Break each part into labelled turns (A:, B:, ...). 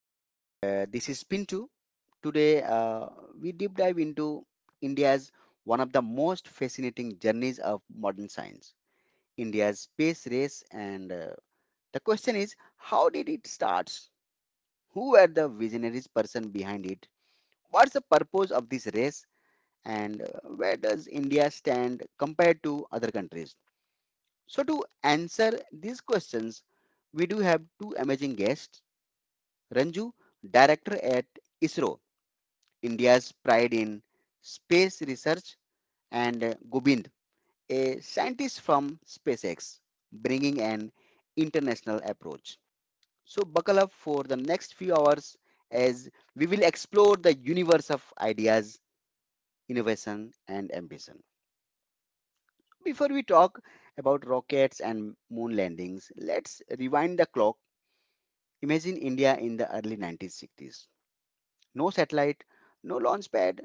A: and this is Pintu. Today, we deep dive into India's one of the most fascinating journeys of modern science, India's space race. And The question is, how did it start? Who were the visionaries person behind it? What's the purpose of this race? And Where does India stand compared to other countries? So, to answer these questions, we do have two amazing guests: Ranju, director at ISRO, India's pride in space research, and Gobind, a scientist from SpaceX, bringing an international approach. So, buckle up for the next few hours as we will explore the universe of ideas, innovation, and ambition. Before we talk about rockets and moon landings, let's rewind the clock. Imagine India in the early 1960s. No satellite, no launch pad,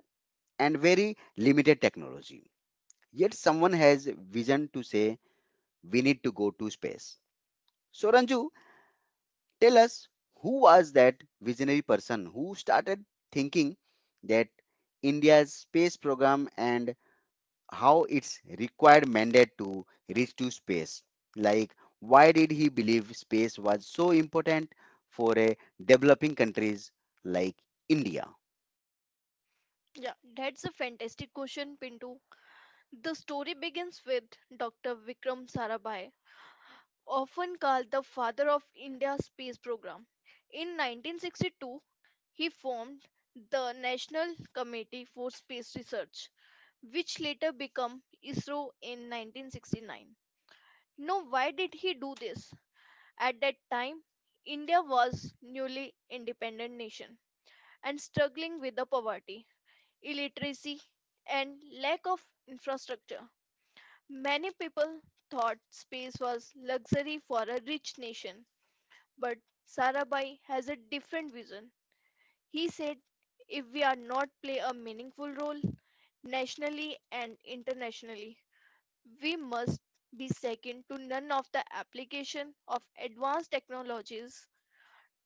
A: and very limited technology. Yet someone has vision to say we need to go to space. So Ranju, tell us, who was that visionary person who started thinking that India's space program, and how it's required mandate to reach to space. Like why did he believe space was so important for a developing countries like India?
B: Yeah, that's a fantastic question, Pintu. The story begins with Dr. Vikram Sarabhai, often called the father of India's space program. In 1962, he formed the National Committee for Space Research, which later became ISRO in 1969. Now, why did he do this? At that time, India was newly independent nation and struggling with the poverty, illiteracy, and lack of infrastructure. Many people thought space was luxury for a rich nation, but Sarabhai has a different vision. He said, if we are not play a meaningful role nationally and internationally, we must be second to none of the application of advanced technologies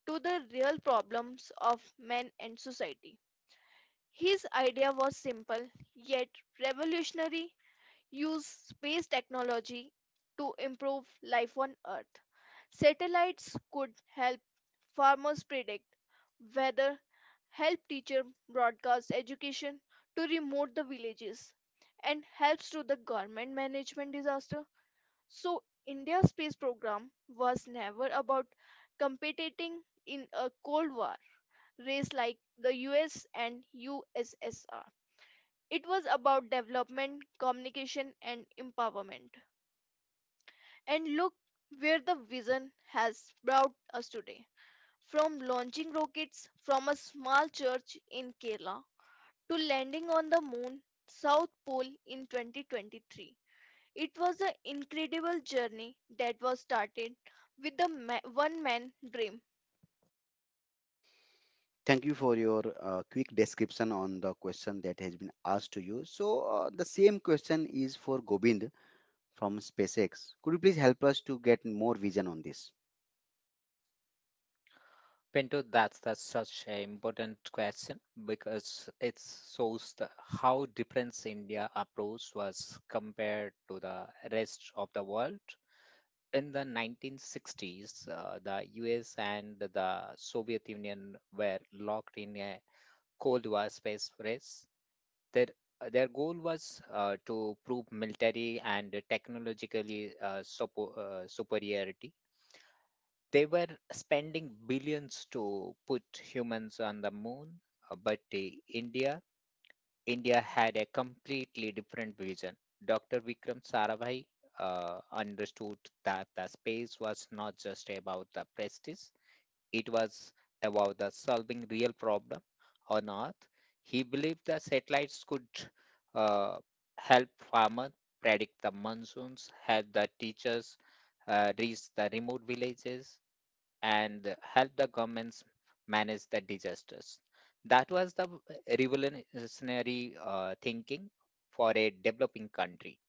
B: to the real problems of man and society. His idea was simple yet revolutionary, use space technology to improve life on Earth. Satellites could help farmers predict weather, help teacher broadcast education to remote the villages, and helps to the government management disaster. So India's space program was never about competing in a Cold War race like the US and USSR. It was about development, communication, and empowerment. And look where the vision has brought us today. From launching rockets from a small church in Kerala to landing on the moon, South Pole in 2023. It was an incredible journey that was started with the one man dream.
A: Thank you for your quick description on the question that has been asked to you. So, the same question is for Gobind from SpaceX. Could you please help us to get more vision on this?
C: Pinto, that's such an important question because it shows how different India approach was compared to the rest of the world. In the 1960s, the US and the Soviet Union were locked in a Cold War space race. Their, their goal was to prove military and technologically superiority. They were spending billions to put humans on the moon, but the India India had a completely different vision. Dr. Vikram Sarabhai understood that the space was not just about the prestige; it was about the solving real problem on Earth. He believed the satellites could uh, help farmers predict the monsoons, help the teachers reach the remote villages, and help the governments manage the disasters. That was the revolutionary thinking for a developing country.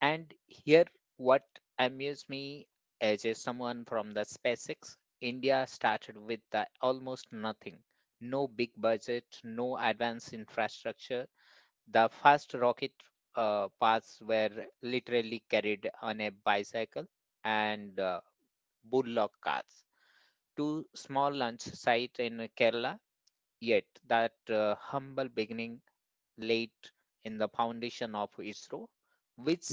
C: And here, what amused me as a someone from the SpaceX, India started with the almost nothing. No big budget, no advanced infrastructure. The first rocket paths were literally carried on a bicycle and bullock carts two small lunch sites in Kerala, yet that humble beginning laid in the foundation of ISRO, which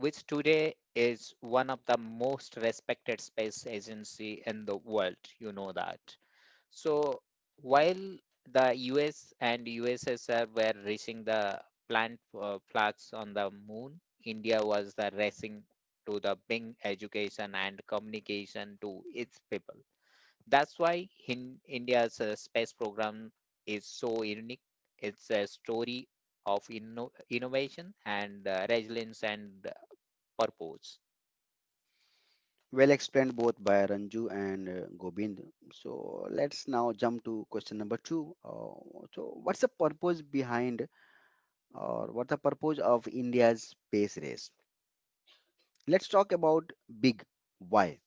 C: which today is one of the most respected space agency in the world. You know that. So while the US and USSR were racing the plant flags on the moon, India was the racing to the bring education and communication to its people. That's why in India's space program is so unique. It's a story of innovation and resilience and purpose.
A: Well explained both by Ranju and Gobind. So, let's now jump to question number two. So, what's the purpose behind, or what's the purpose of India's space race? Let's talk about big why.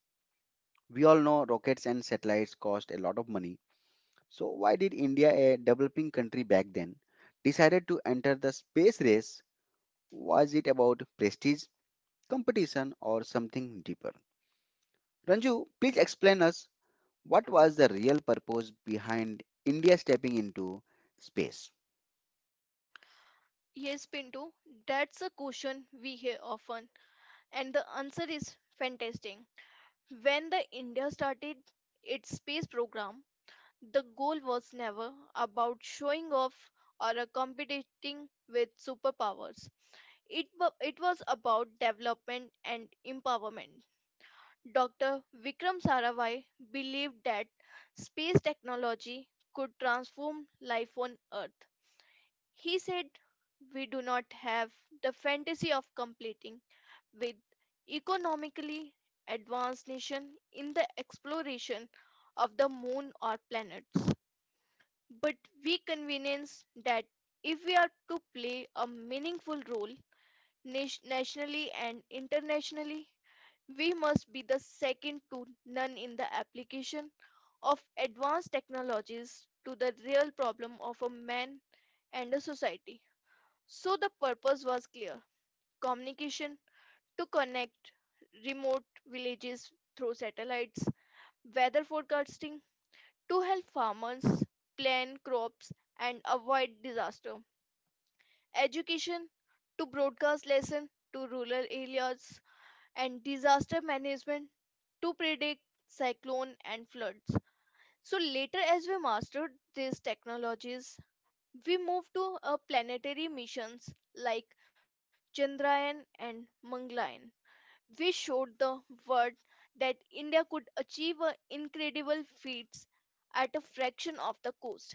A: We all know rockets and satellites cost a lot of money. So why did India, a developing country back then, decided to enter the space race? Was it about prestige, competition, or something deeper? Ranju, please explain us, what was the real purpose behind India stepping into space?
B: Yes, Pinto, that's a question we hear often, and the answer is fantastic. When the India started its space program, the goal was never about showing off or a competing with superpowers. It was about development and empowerment. Dr. Vikram Sarabhai believed that space technology could transform life on Earth. He said, we do not have the fantasy of completing with economically advanced nation in the exploration of the moon or planets. But we convenience that if we are to play a meaningful role nationally and internationally, we must be the second to none in the application of advanced technologies to the real problem of a man and a society. So the purpose was clear, communication to connect remote villages through satellites, weather forecasting, to help farmers plan crops and avoid disaster. Education to broadcast lesson to rural areas and disaster management to predict cyclone and floods. So later as we mastered these technologies, we moved to planetary missions like Chandrayaan and Mangalyaan. We showed the world that India could achieve a incredible feats at a fraction of the cost.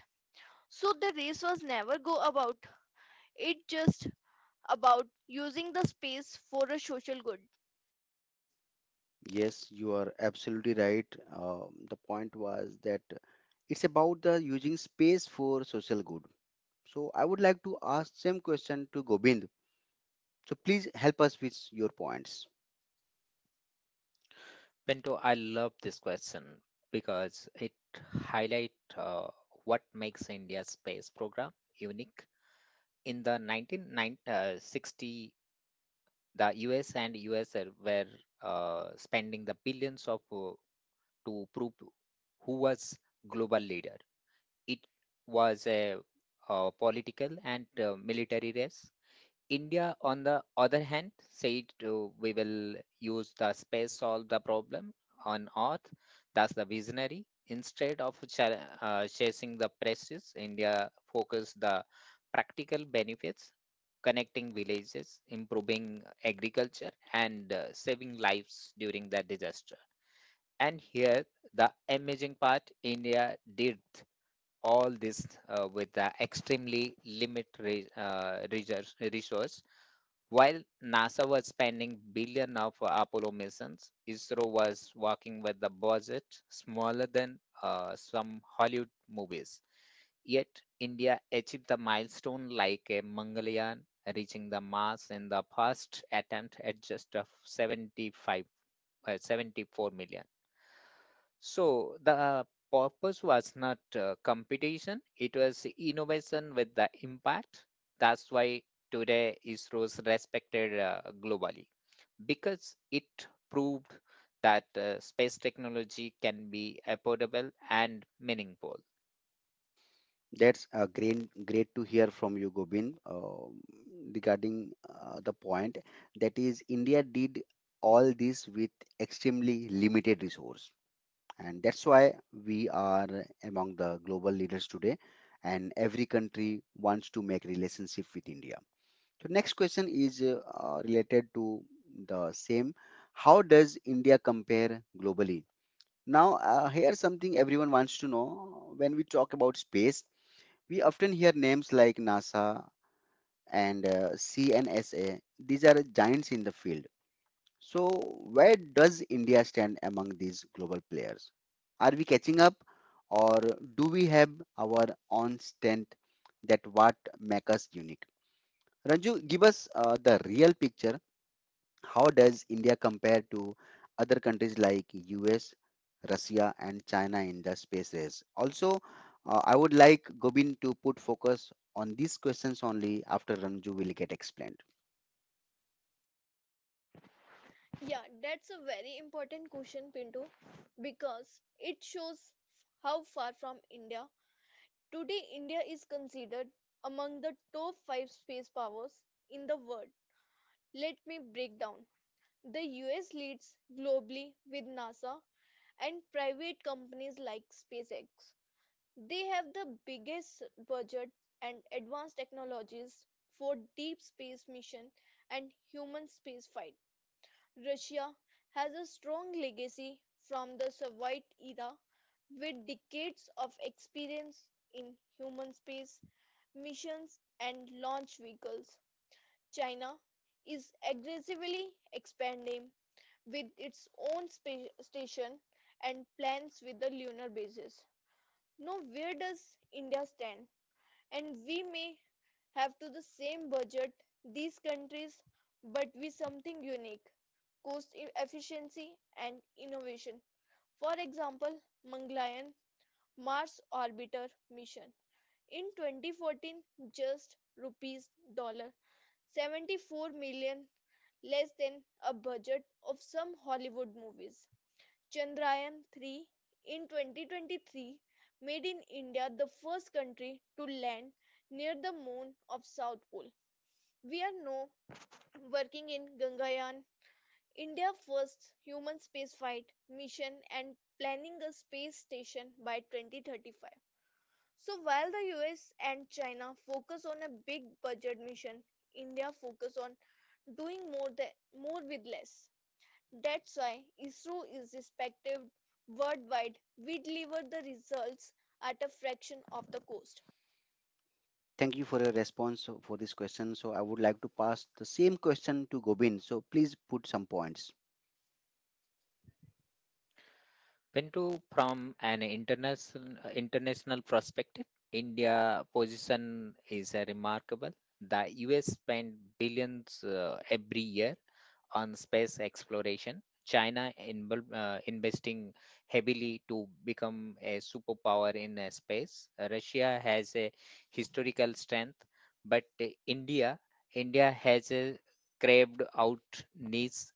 B: So the race was never go about it, just about using the space for a social good.
A: Yes, you are absolutely right. The point was that it's about the using space for social good. So I would like to ask same question to Gobind. So please help us with your points.
C: Bento, I love this question because it highlight what makes India's space program unique. In the 1960, the US and USR were spending the billions of to prove who was global leader. It was political and military race. India, on the other hand, said we will use the space solve the problem on Earth. That's the visionary. Instead of chasing the prestige, India focused the practical benefits, connecting villages, improving agriculture, and saving lives during the disaster. And here, the amazing part: India did all this with the extremely limited resource while NASA was spending billion of Apollo missions, ISRO was working with a budget smaller than some Hollywood movies. Yet India achieved the milestone like a Mangalyaan reaching the Mars in the first attempt at just of 74 million. So the purpose was not competition, it was innovation with the impact. That's why today ISRO is respected globally because it proved that space technology can be affordable and meaningful.
A: That's great, great to hear from you, Gobind, regarding the point that is India did all this with extremely limited resource, and that's why we are among the global leaders today, and every country wants to make relationship with India. So next question is related to the same. How does India compare globally? Now, here's something everyone wants to know when we talk about space. We often hear names like NASA and CNSA. These are giants in the field. So, where does India stand among these global players? Are we catching up, or do we have our own strength that what make us unique? Ranju, give us the real picture, how does India compare to other countries like US, Russia, and China in the space race? Also, I would like Gobind to put focus on these questions only after Ranju will get explained.
B: Yeah, that's a very important question, Pinto, because it shows how far from India. Today, India is considered among the top five space powers in the world. Let me break down. The US leads globally with NASA and private companies like SpaceX. They have the biggest budget and advanced technologies for deep space mission and human spaceflight. Russia has a strong legacy from the Soviet era with decades of experience in human space missions and launch vehicles. China is aggressively expanding with its own space station and plans with the lunar bases. Now, where does India stand? And we may have to the same budget these countries but with something unique, cost efficiency and innovation. For example, Mangalayan Mars orbiter mission in 2014, just rupees dollar 74 million, less than a budget of some Hollywood movies. Chandrayaan-3 in 2023 made in India the first country to land near the moon of South Pole. We are now working in Gangayaan, India's first human spaceflight mission and planning a space station by 2035. So while the US and China focus on a big budget mission, India focus on doing more with less. That's why ISRO is respected worldwide. We deliver the results at a fraction of the cost.
A: Thank you for your response for this question. So, I would like to pass the same question to Gobind. So, please put some points.
C: Pinto, from an international perspective, India position is remarkable. The US spend billions every year on space exploration, China investing heavily to become a superpower in space. Russia has a historical strength, but India has a craved out niche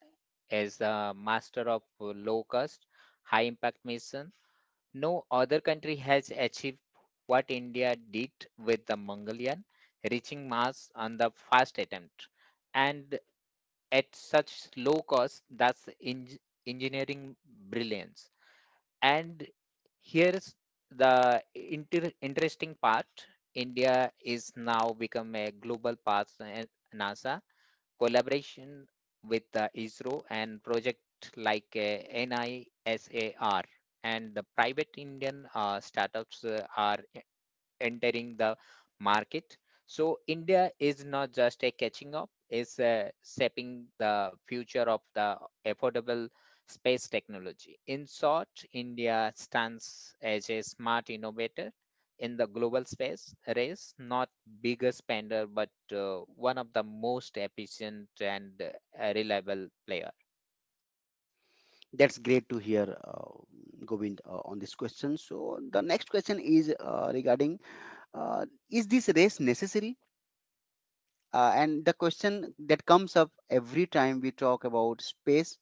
C: as a master of low cost, high impact mission. No other country has achieved what India did with the Mongolian, reaching Mars on the first attempt. And at such low cost that's engineering brilliance and here's the interesting part. India is now become a global partner in NASA collaboration with the ISRO and project like NISAR and the private Indian startups are entering the market. So India is not just a catching up, it's shaping the future of the affordable space technology. In short, India stands as a smart innovator in the global space race, not biggest spender, but one of the most efficient and reliable player.
A: That's great to hear, Govind, on this question. So, the next question is regarding is this race necessary. And the question that comes up every time we talk about space,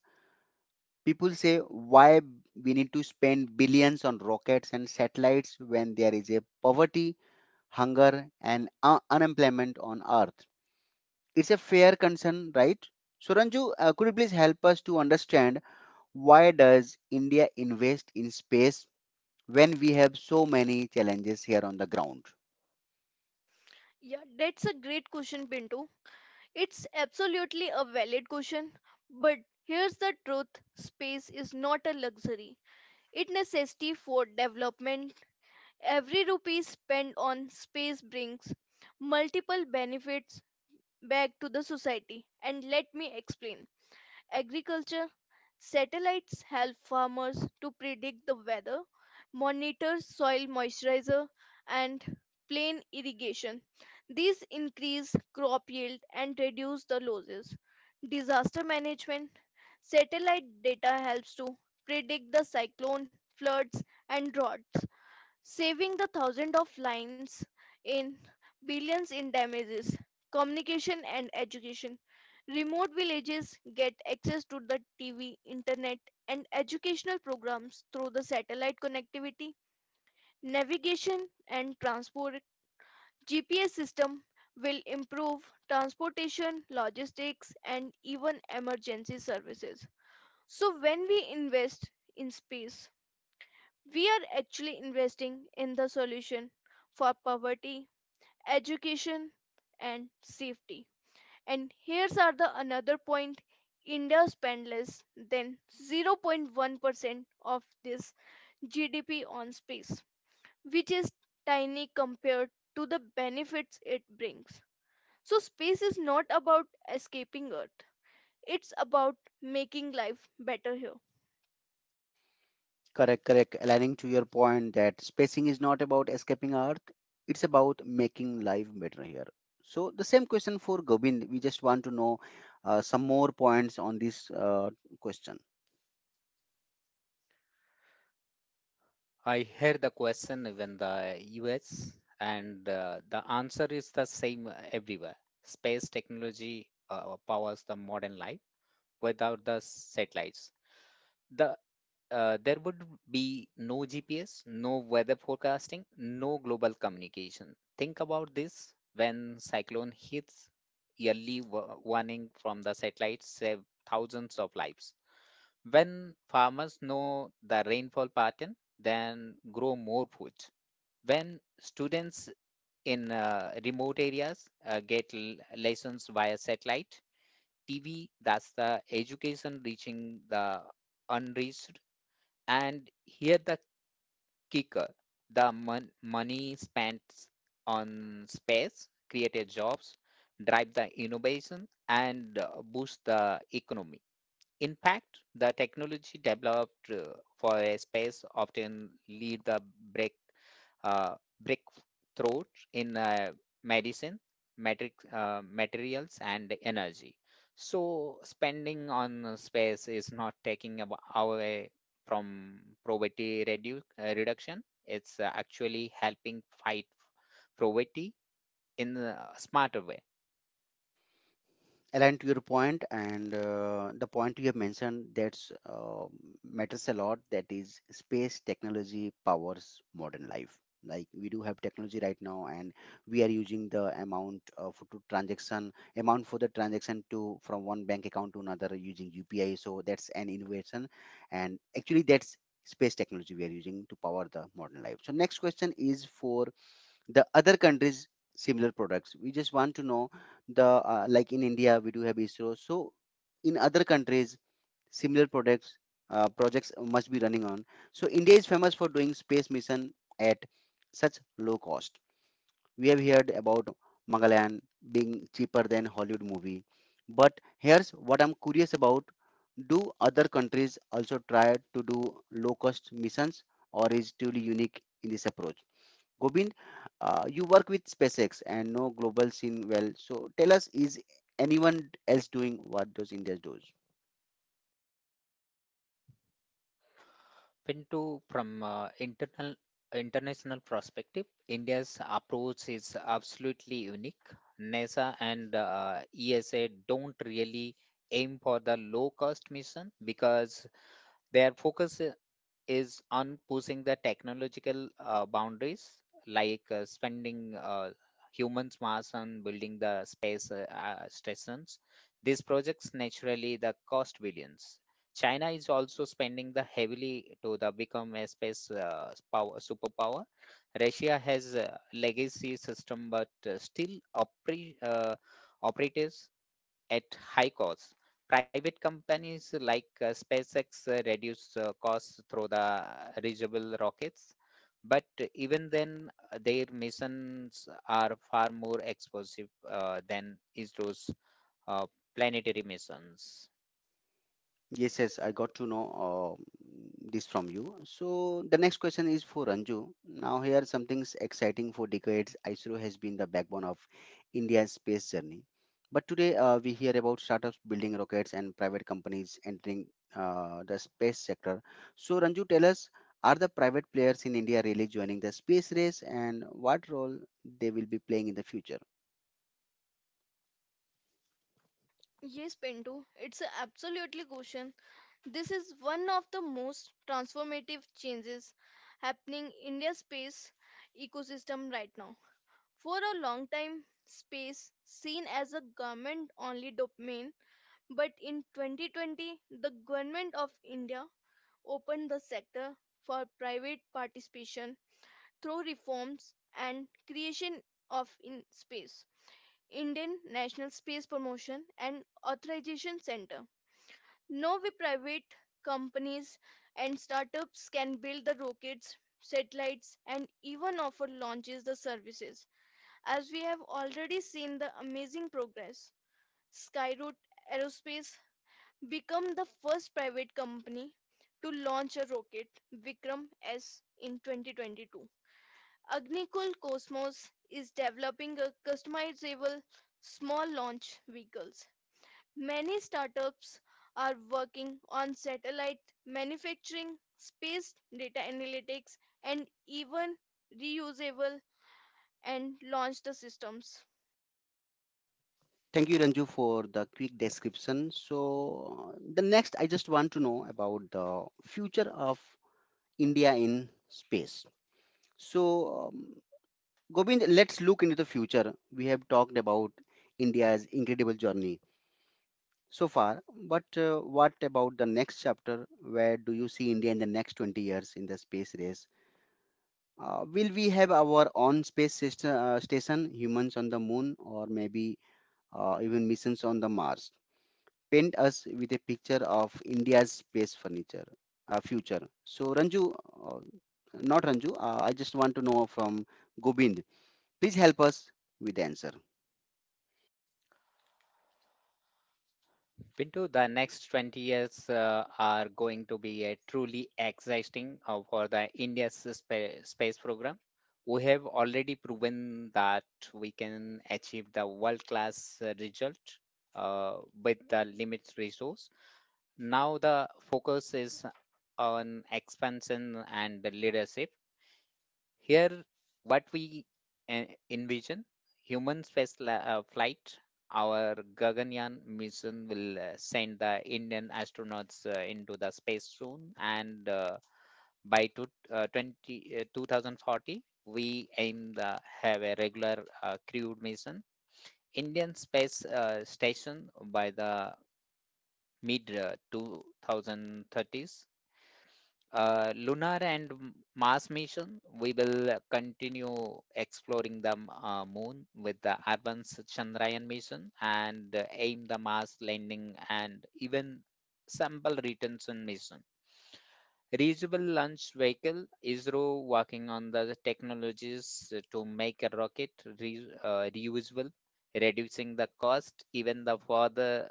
A: people say why we need to spend billions on rockets and satellites when there is a poverty, hunger, and unemployment on Earth. It's a fair concern, right? So, Ranju, could you please help us to understand why does India invest in space when we have so many challenges here on the ground?
B: Yeah, that's a great question, Pintu. It's absolutely a valid question, but here's the truth, space is not a luxury. It necessity for development. Every rupee spent on space brings multiple benefits back to the society. And let me explain. Agriculture satellites help farmers to predict the weather, monitor soil moisturizer, and plan irrigation. These increase crop yield and reduce the losses. Disaster management satellite data helps to predict the cyclone, floods, and droughts, saving the thousands of lives in billions in damages. Communication and education, remote villages get access to the TV, internet, and educational programs through the satellite connectivity. Navigation and transport, GPS system will improve transportation, logistics, and even emergency services. So, when we invest in space, we are actually investing in the solution for poverty, education, and safety. And here's are the another point, India spends less than 0.1% of this GDP on space, which is tiny compared to the benefits it brings. So, space is not about escaping Earth, it's about making life better here.
A: Correct, correct. Aligning to your point that spacing is not about escaping Earth, it's about making life better here. So, the same question for Gobind. We just want to know some more points on this question.
C: I heard the question even the US, and the answer is the same everywhere. Space technology powers the modern life without the satellites. The there would be no GPS, no weather forecasting, no global communication. Think about this when cyclone hits, yearly warning from the satellites save thousands of lives. When farmers know the rainfall pattern, then grow more food. When students in remote areas get lessons via satellite, TV, that's the education reaching the unreached. And here the kicker the money spent on space, created jobs, drive the innovation, and boost the economy. In fact, the technology developed for a space often lead the break uh, breakthrough in medicine matrix, materials and energy so spending on space is not taking away from poverty redu- reduction. It's actually helping fight poverty in a smarter way
A: Aligned to your point, and the point you have mentioned, that's matters a lot, that is space technology powers modern life. Like we do have technology right now, and we are using the amount of to transaction amount for the transaction to from one bank account to another using upi, so that's an innovation, and actually that's space technology we are using to power the modern life. So next question is for the other countries similar products. We just want to know the like in india we do have isro, so in other countries similar products projects must be running on. So india is famous for doing space mission at such low cost. We have heard about mangalyaan being cheaper than hollywood movie, but here's what I'm curious about. Do other countries also try to do low cost missions, or is truly unique in this approach? Gobind, you work with SpaceX and know global scene well. So tell us, is anyone else doing what those Indians do?
C: into from internal international perspective, India's approach is absolutely unique. NASA and ESA don't really aim for the low cost mission because their focus is on pushing the technological boundaries, like spending humans mass on building the space stations. These projects naturally the cost billions. China is also spending the heavily to the become a space power superpower. Russia has a legacy system, but still uh, operatives at high cost. Private companies like SpaceX reduce costs through the reusable rockets, but even then, their missions are far more expensive than ISRO's uh, planetary missions.
A: Yes, yes, I got to know this from you. So the next question is for Ranju. Now here something's exciting. For decades, ISRO has been the backbone of India's space journey. But today, we hear about startups building rockets and private companies entering the space sector. So Ranju, tell us, are the private players in India really joining the space race, and what role they will be playing in the future?
B: Yes, Pinto, it's a absolutely question. This is one of the most transformative changes happening in India's space ecosystem right now. For a long time, space seen as a government-only domain, but in 2020, the government of India opened the sector for private participation through reforms and creation of in space. Indian National Space Promotion and Authorization Center, now private companies and startups can build the rockets, satellites and even offer launches the services. As we have already seen the amazing progress, Skyroot Aerospace become the first private company to launch a rocket Vikram S in 2022. Agnikul Cosmos is developing a customizable small launch vehicles. Many startups are working on satellite manufacturing, space data analytics, and even reusable and launched systems.
A: Thank you, Ranju, for the quick description. So, the next I just want to know about the future of India in space. So, um, Govind, let's look into the future. We have talked about India's incredible journey so far, but what about the next chapter? Where do you see India in the next 20 years in the space race? Will we have our own space station, humans on the moon, or maybe even missions on the Mars? Paint us with a picture of India's space furniture future. So Ranju, uh, not Ranju, I just want to know from Gobind. Please help us with the answer.
C: Pinto, the next 20 years are going to be a truly exciting for the India's space program. We have already proven that we can achieve the world-class result uh, with the limited resource. Now the focus is on expansion and the leadership. Here, what we envision human space flight, our Gaganyaan mission will send the Indian astronauts into the space soon, and by 2040, we aim to have a regular crewed mission. Indian space station by the mid 2030s lunar and Mars mission, we will continue exploring the moon with the advanced Chandrayaan mission and aim the Mars landing and even sample retention mission. Reusable launch vehicle, ISRO working on the technologies to make a rocket reusable, reducing the cost even the further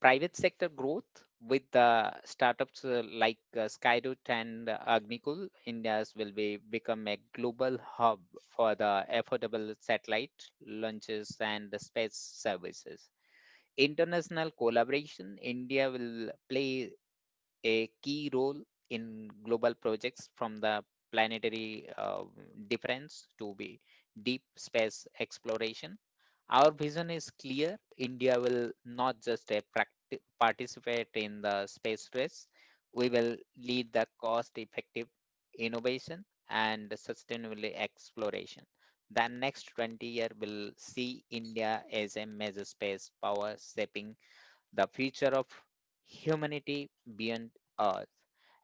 C: private sector growth with the startups like Skyroot and Agnikul, India's will be become a global hub for the affordable satellite launches and the space services. International collaboration, India will play a key role in global projects from the planetary defense to be deep space exploration our vision is clear. India will not just a participate in the space race, we will lead the cost effective innovation and sustainable exploration. The next 20-year will see India as a major space power shaping the future of humanity beyond Earth.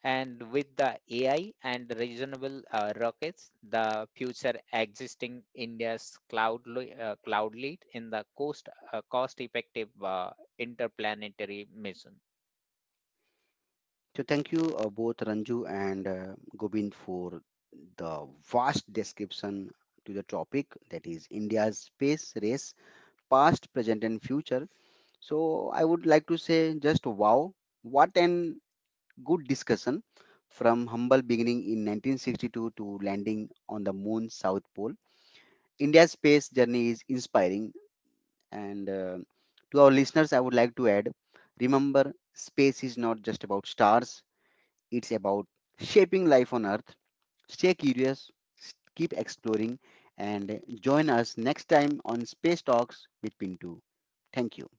C: And with the AI and reasonable rockets, the future existing India's cloud, cloud lead in the cost, cost-effective interplanetary mission.
A: So thank you both Ranju and Gobind for the vast description to the topic that is India's space race, past, present, and future. So I would like to say just wow, what an good discussion, from humble beginning in 1962 to landing on the moon south pole. India's space journey is inspiring. And to our listeners, I would like to add, remember, space is not just about stars, it's about shaping life on Earth. Stay curious, keep exploring, and join us next time on Space Talks with Pintu. Thank you.